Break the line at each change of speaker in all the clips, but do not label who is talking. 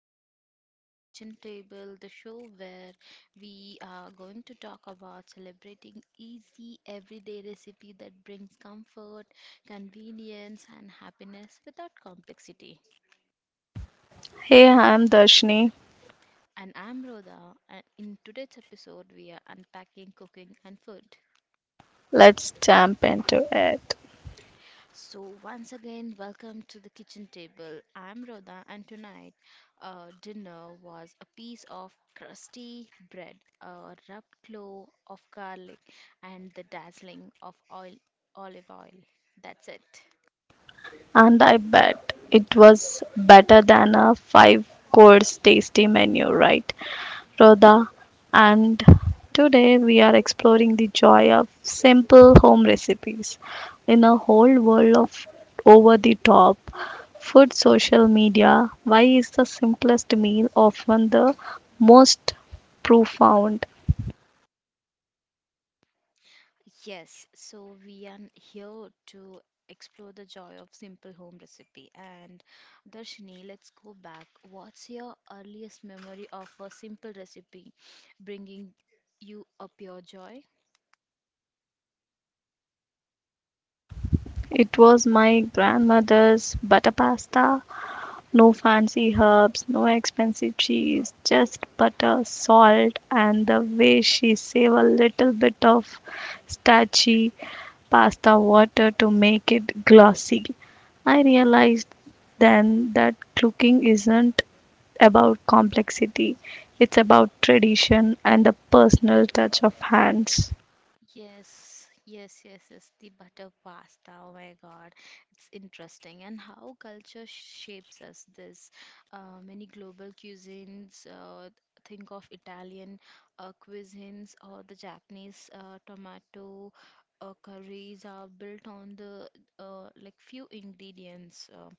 You're listening to The Kitchen Table, the show where we are going to talk about celebrating easy, everyday recipe that brings comfort, convenience, and happiness without complexity.
Hey, I'm Darshini.
And I'm Rhoda, and in today's episode, we are unpacking cooking and food.
Let's jump into it.
So, once again, welcome to the kitchen table. I'm Rhoda, and tonight dinner was a piece of crusty bread, a rubbed clove of garlic, and the dazzling of oil, olive oil. That's it.
And I bet it was better than a five course tasty menu, right, Rhoda? And today we are exploring the joy of simple home recipes in a whole world of over the top food social media. Why is the simplest meal often the most profound?
Yes, so we are here to explore the joy of simple home recipe. And Darshini, let's go back. What's your earliest memory of a simple recipe bringing you up your joy?
It was my grandmother's butter pasta. No fancy herbs, no expensive cheese, just butter, salt, and the way she save a little bit of starchy pasta water to make it glossy. I realized then that cooking isn't about complexity, it's about tradition and the personal touch of hands.
Yes, yes, yes, yes. The butter pasta. Oh my God, it's interesting. And how culture shapes us. This Many global cuisines. Think of Italian cuisines or the Japanese tomato curries are built on the few ingredients.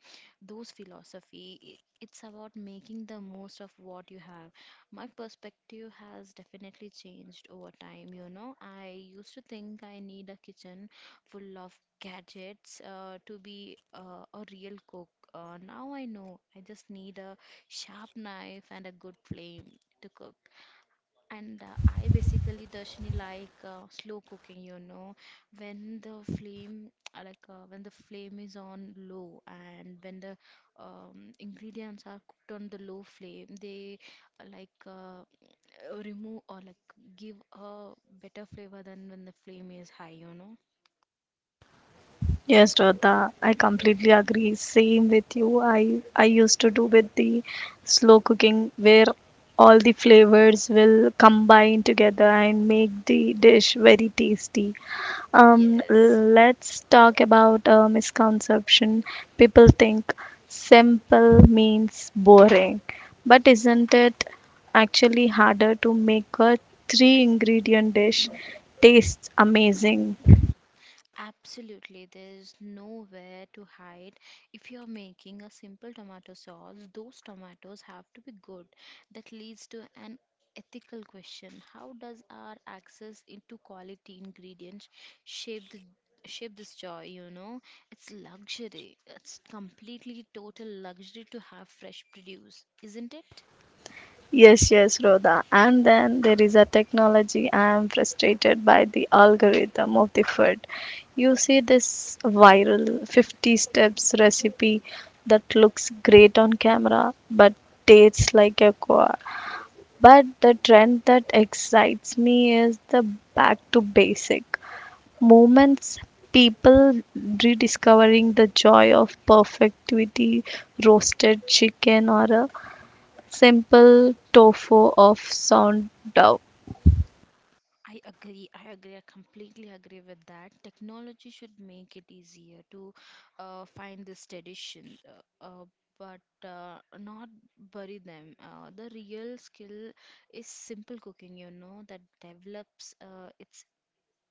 Those philosophy. It's about making the most of what you have. My perspective has definitely changed over time, you know. I used to think I need a kitchen full of gadgets to be a real cook. Now I know I just need a sharp knife and a good flame to cook. And I basically, Darshini, slow cooking, you know, when the flame, when the flame is on low and when the ingredients are cooked on the low flame, they uh, like uh, remove or like give a better flavor than when the flame is high, you know?
Yes, Shraddha, I completely agree. Same with you. I used to do with the slow cooking where all the flavors will combine together and make the dish very tasty.
Yes.
Let's talk about a misconception. People think simple means boring, but isn't it actually harder to make a three ingredient dish taste amazing?
Absolutely, there's nowhere to hide. If you're making a simple tomato sauce, those tomatoes have to be good. That leads to an ethical question. How does our access into quality ingredients shape the shape this joy, you know? It's luxury. It's completely total luxury to have fresh produce, isn't it?
Yes, yes, Rhoda. And then there is a technology. I am frustrated by the algorithm of the food. You see this viral 50 steps recipe that looks great on camera but tastes like a core. But the trend that excites me is the back to basic moments people rediscovering the joy of perfectivity roasted chicken or a simple tofu of sound dough.
I agree. I agree. I completely agree with that. Technology should make it easier to find this tradition, but not bury them. The real skill is simple cooking, you know, that develops its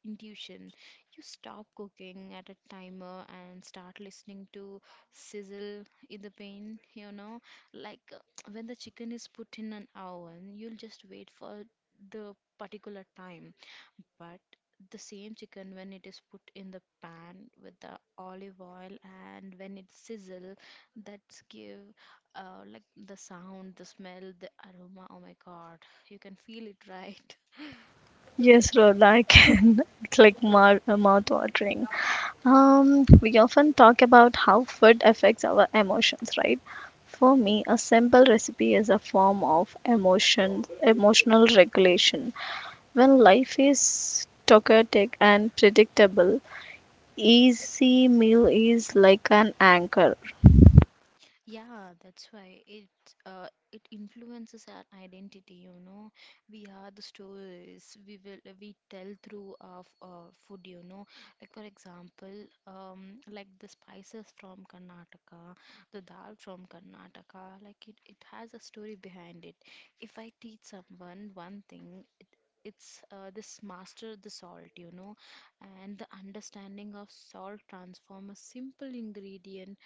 intuition. You stop cooking at a timer and start listening to sizzle in the pan, you know, like uh, when the chicken is put in an oven, you'll just wait for the particular time, but the same chicken, when it is put in the pan with the olive oil and when it sizzle, that's give the sound, the smell, the aroma. Oh my God, you can feel it, right?
Yes, Rhoda, I can. It's like mouth watering. We often talk about how food affects our emotions, right? For me, a simple recipe is a form of emotion, emotional regulation. When life is chaotic and predictable, easy meal is like an anchor.
Yeah, that's why it it influences our identity, you know. We are the stories we tell through our food, you know. Like for example, the spices from Karnataka, the dal from Karnataka, like it has a story behind it. If I teach someone one thing, it's this master the salt, you know, and the understanding of salt transform a simple ingredient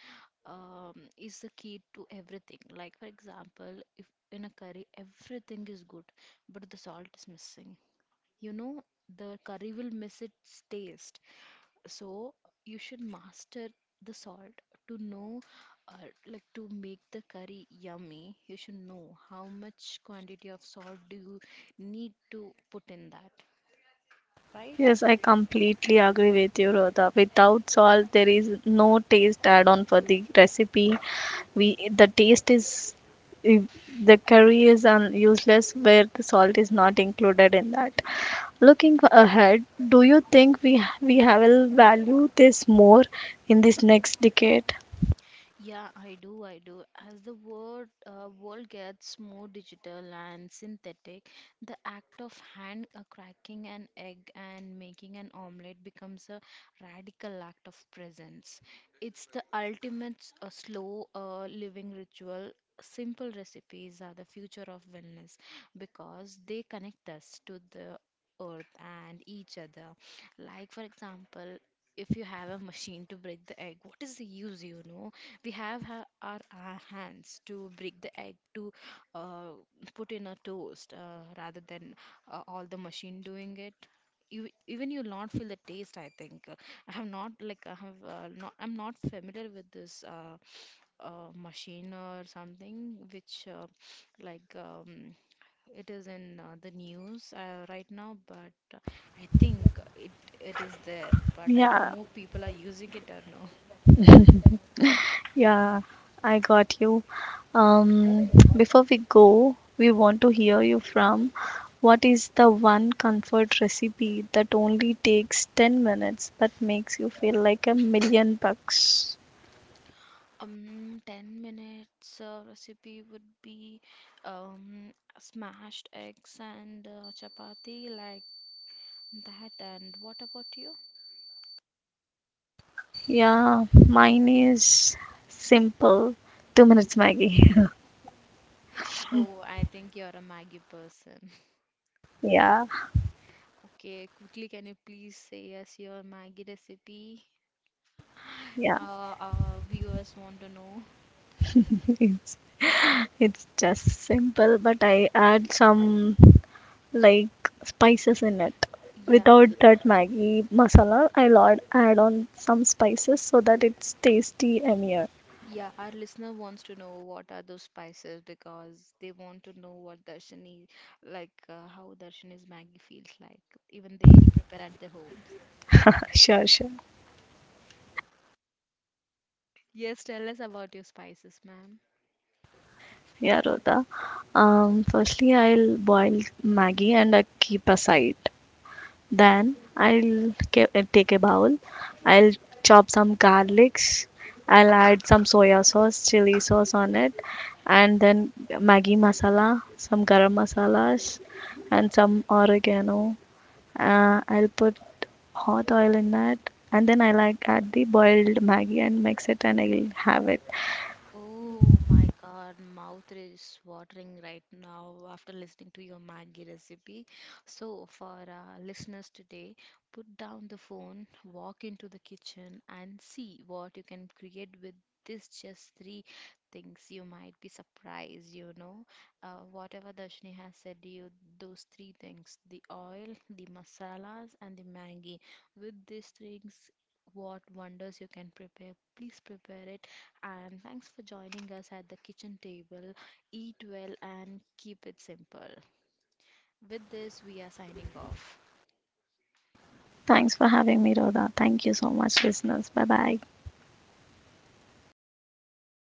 is the key to everything. Like, for example, if in a curry everything is good, but the salt is missing, you know, the curry will miss its taste. So, you should master the salt to know, uh, to make the curry yummy. You should know how much quantity of salt do you need to put in that, right?
Yes, I completely agree with you, Rhoda. Without salt, there is no taste add-on for the recipe. We the taste is if the curry is useless where the salt is not included in that. Looking ahead, do you think we will value this more in this next decade?
Yeah, I do, I do. As the world gets more digital and synthetic, the act of hand cracking an egg and making an omelette becomes a radical act of presence. It's the ultimate slow living ritual. Simple recipes are the future of wellness because they connect us to the earth and each other. Like, for example, if you have a machine to break the egg, what is the use, you know? We have our hands to break the egg to uh, put in a toast rather than all the machine doing it. You even you'll not feel the taste, I think. I have not like I have not I'm not familiar with this machine or something which like um, it is in the news right now, but I think it is there, but I don't
Yeah,
know people are using it or no.
yeah, I got you. Um, Before we go, we want to hear you from what is the one comfort recipe that only takes 10 minutes but makes you feel like a million bucks?
10 minutes recipe would be um, smashed eggs and chapati like that. And what about you?
Yeah, mine is simple. 2 minute Maggie.
Oh, I think you're a Maggie person.
Yeah,
Okay, quickly, can you please say us your Maggie recipe?
yeah.
Our viewers want to know.
It's just simple, but I add some like spices in it.
Yeah,
Without that Maggi masala, I'll add on some spices so that it's tasty yummier.
yeah, our listener wants to know what are those spices because they want to know what Darshini, how Darshini's Maggie feels like. Even they'll prepare at their home.
Sure, sure.
Yes, tell us about your spices, ma'am.
Yeah, Rhoda. Firstly, I'll boil Maggi and I keep aside. Then I'll take a bowl. I'll chop some garlics. I'll add some soya sauce, chili sauce on it, and then Maggi masala, some garam masalas, and some oregano. I'll put hot oil in that, and then I like add the boiled Maggie and mix it, and I'll have it.
Oh my God, mouth is watering right now after listening to your Maggi recipe. So, for our listeners today, put down the phone, walk into the kitchen, and see what you can create with this just three things. You might be surprised, you know. Whatever Darshini has said to you, those three things, the oil, the masalas, and the Maggi. With these things, what wonders you can prepare. Please prepare it and thanks for joining us at the kitchen table. Eat well and keep it simple. With this, we are signing off.
Thanks for having me, Rhoda. Thank you so much, listeners. Bye bye.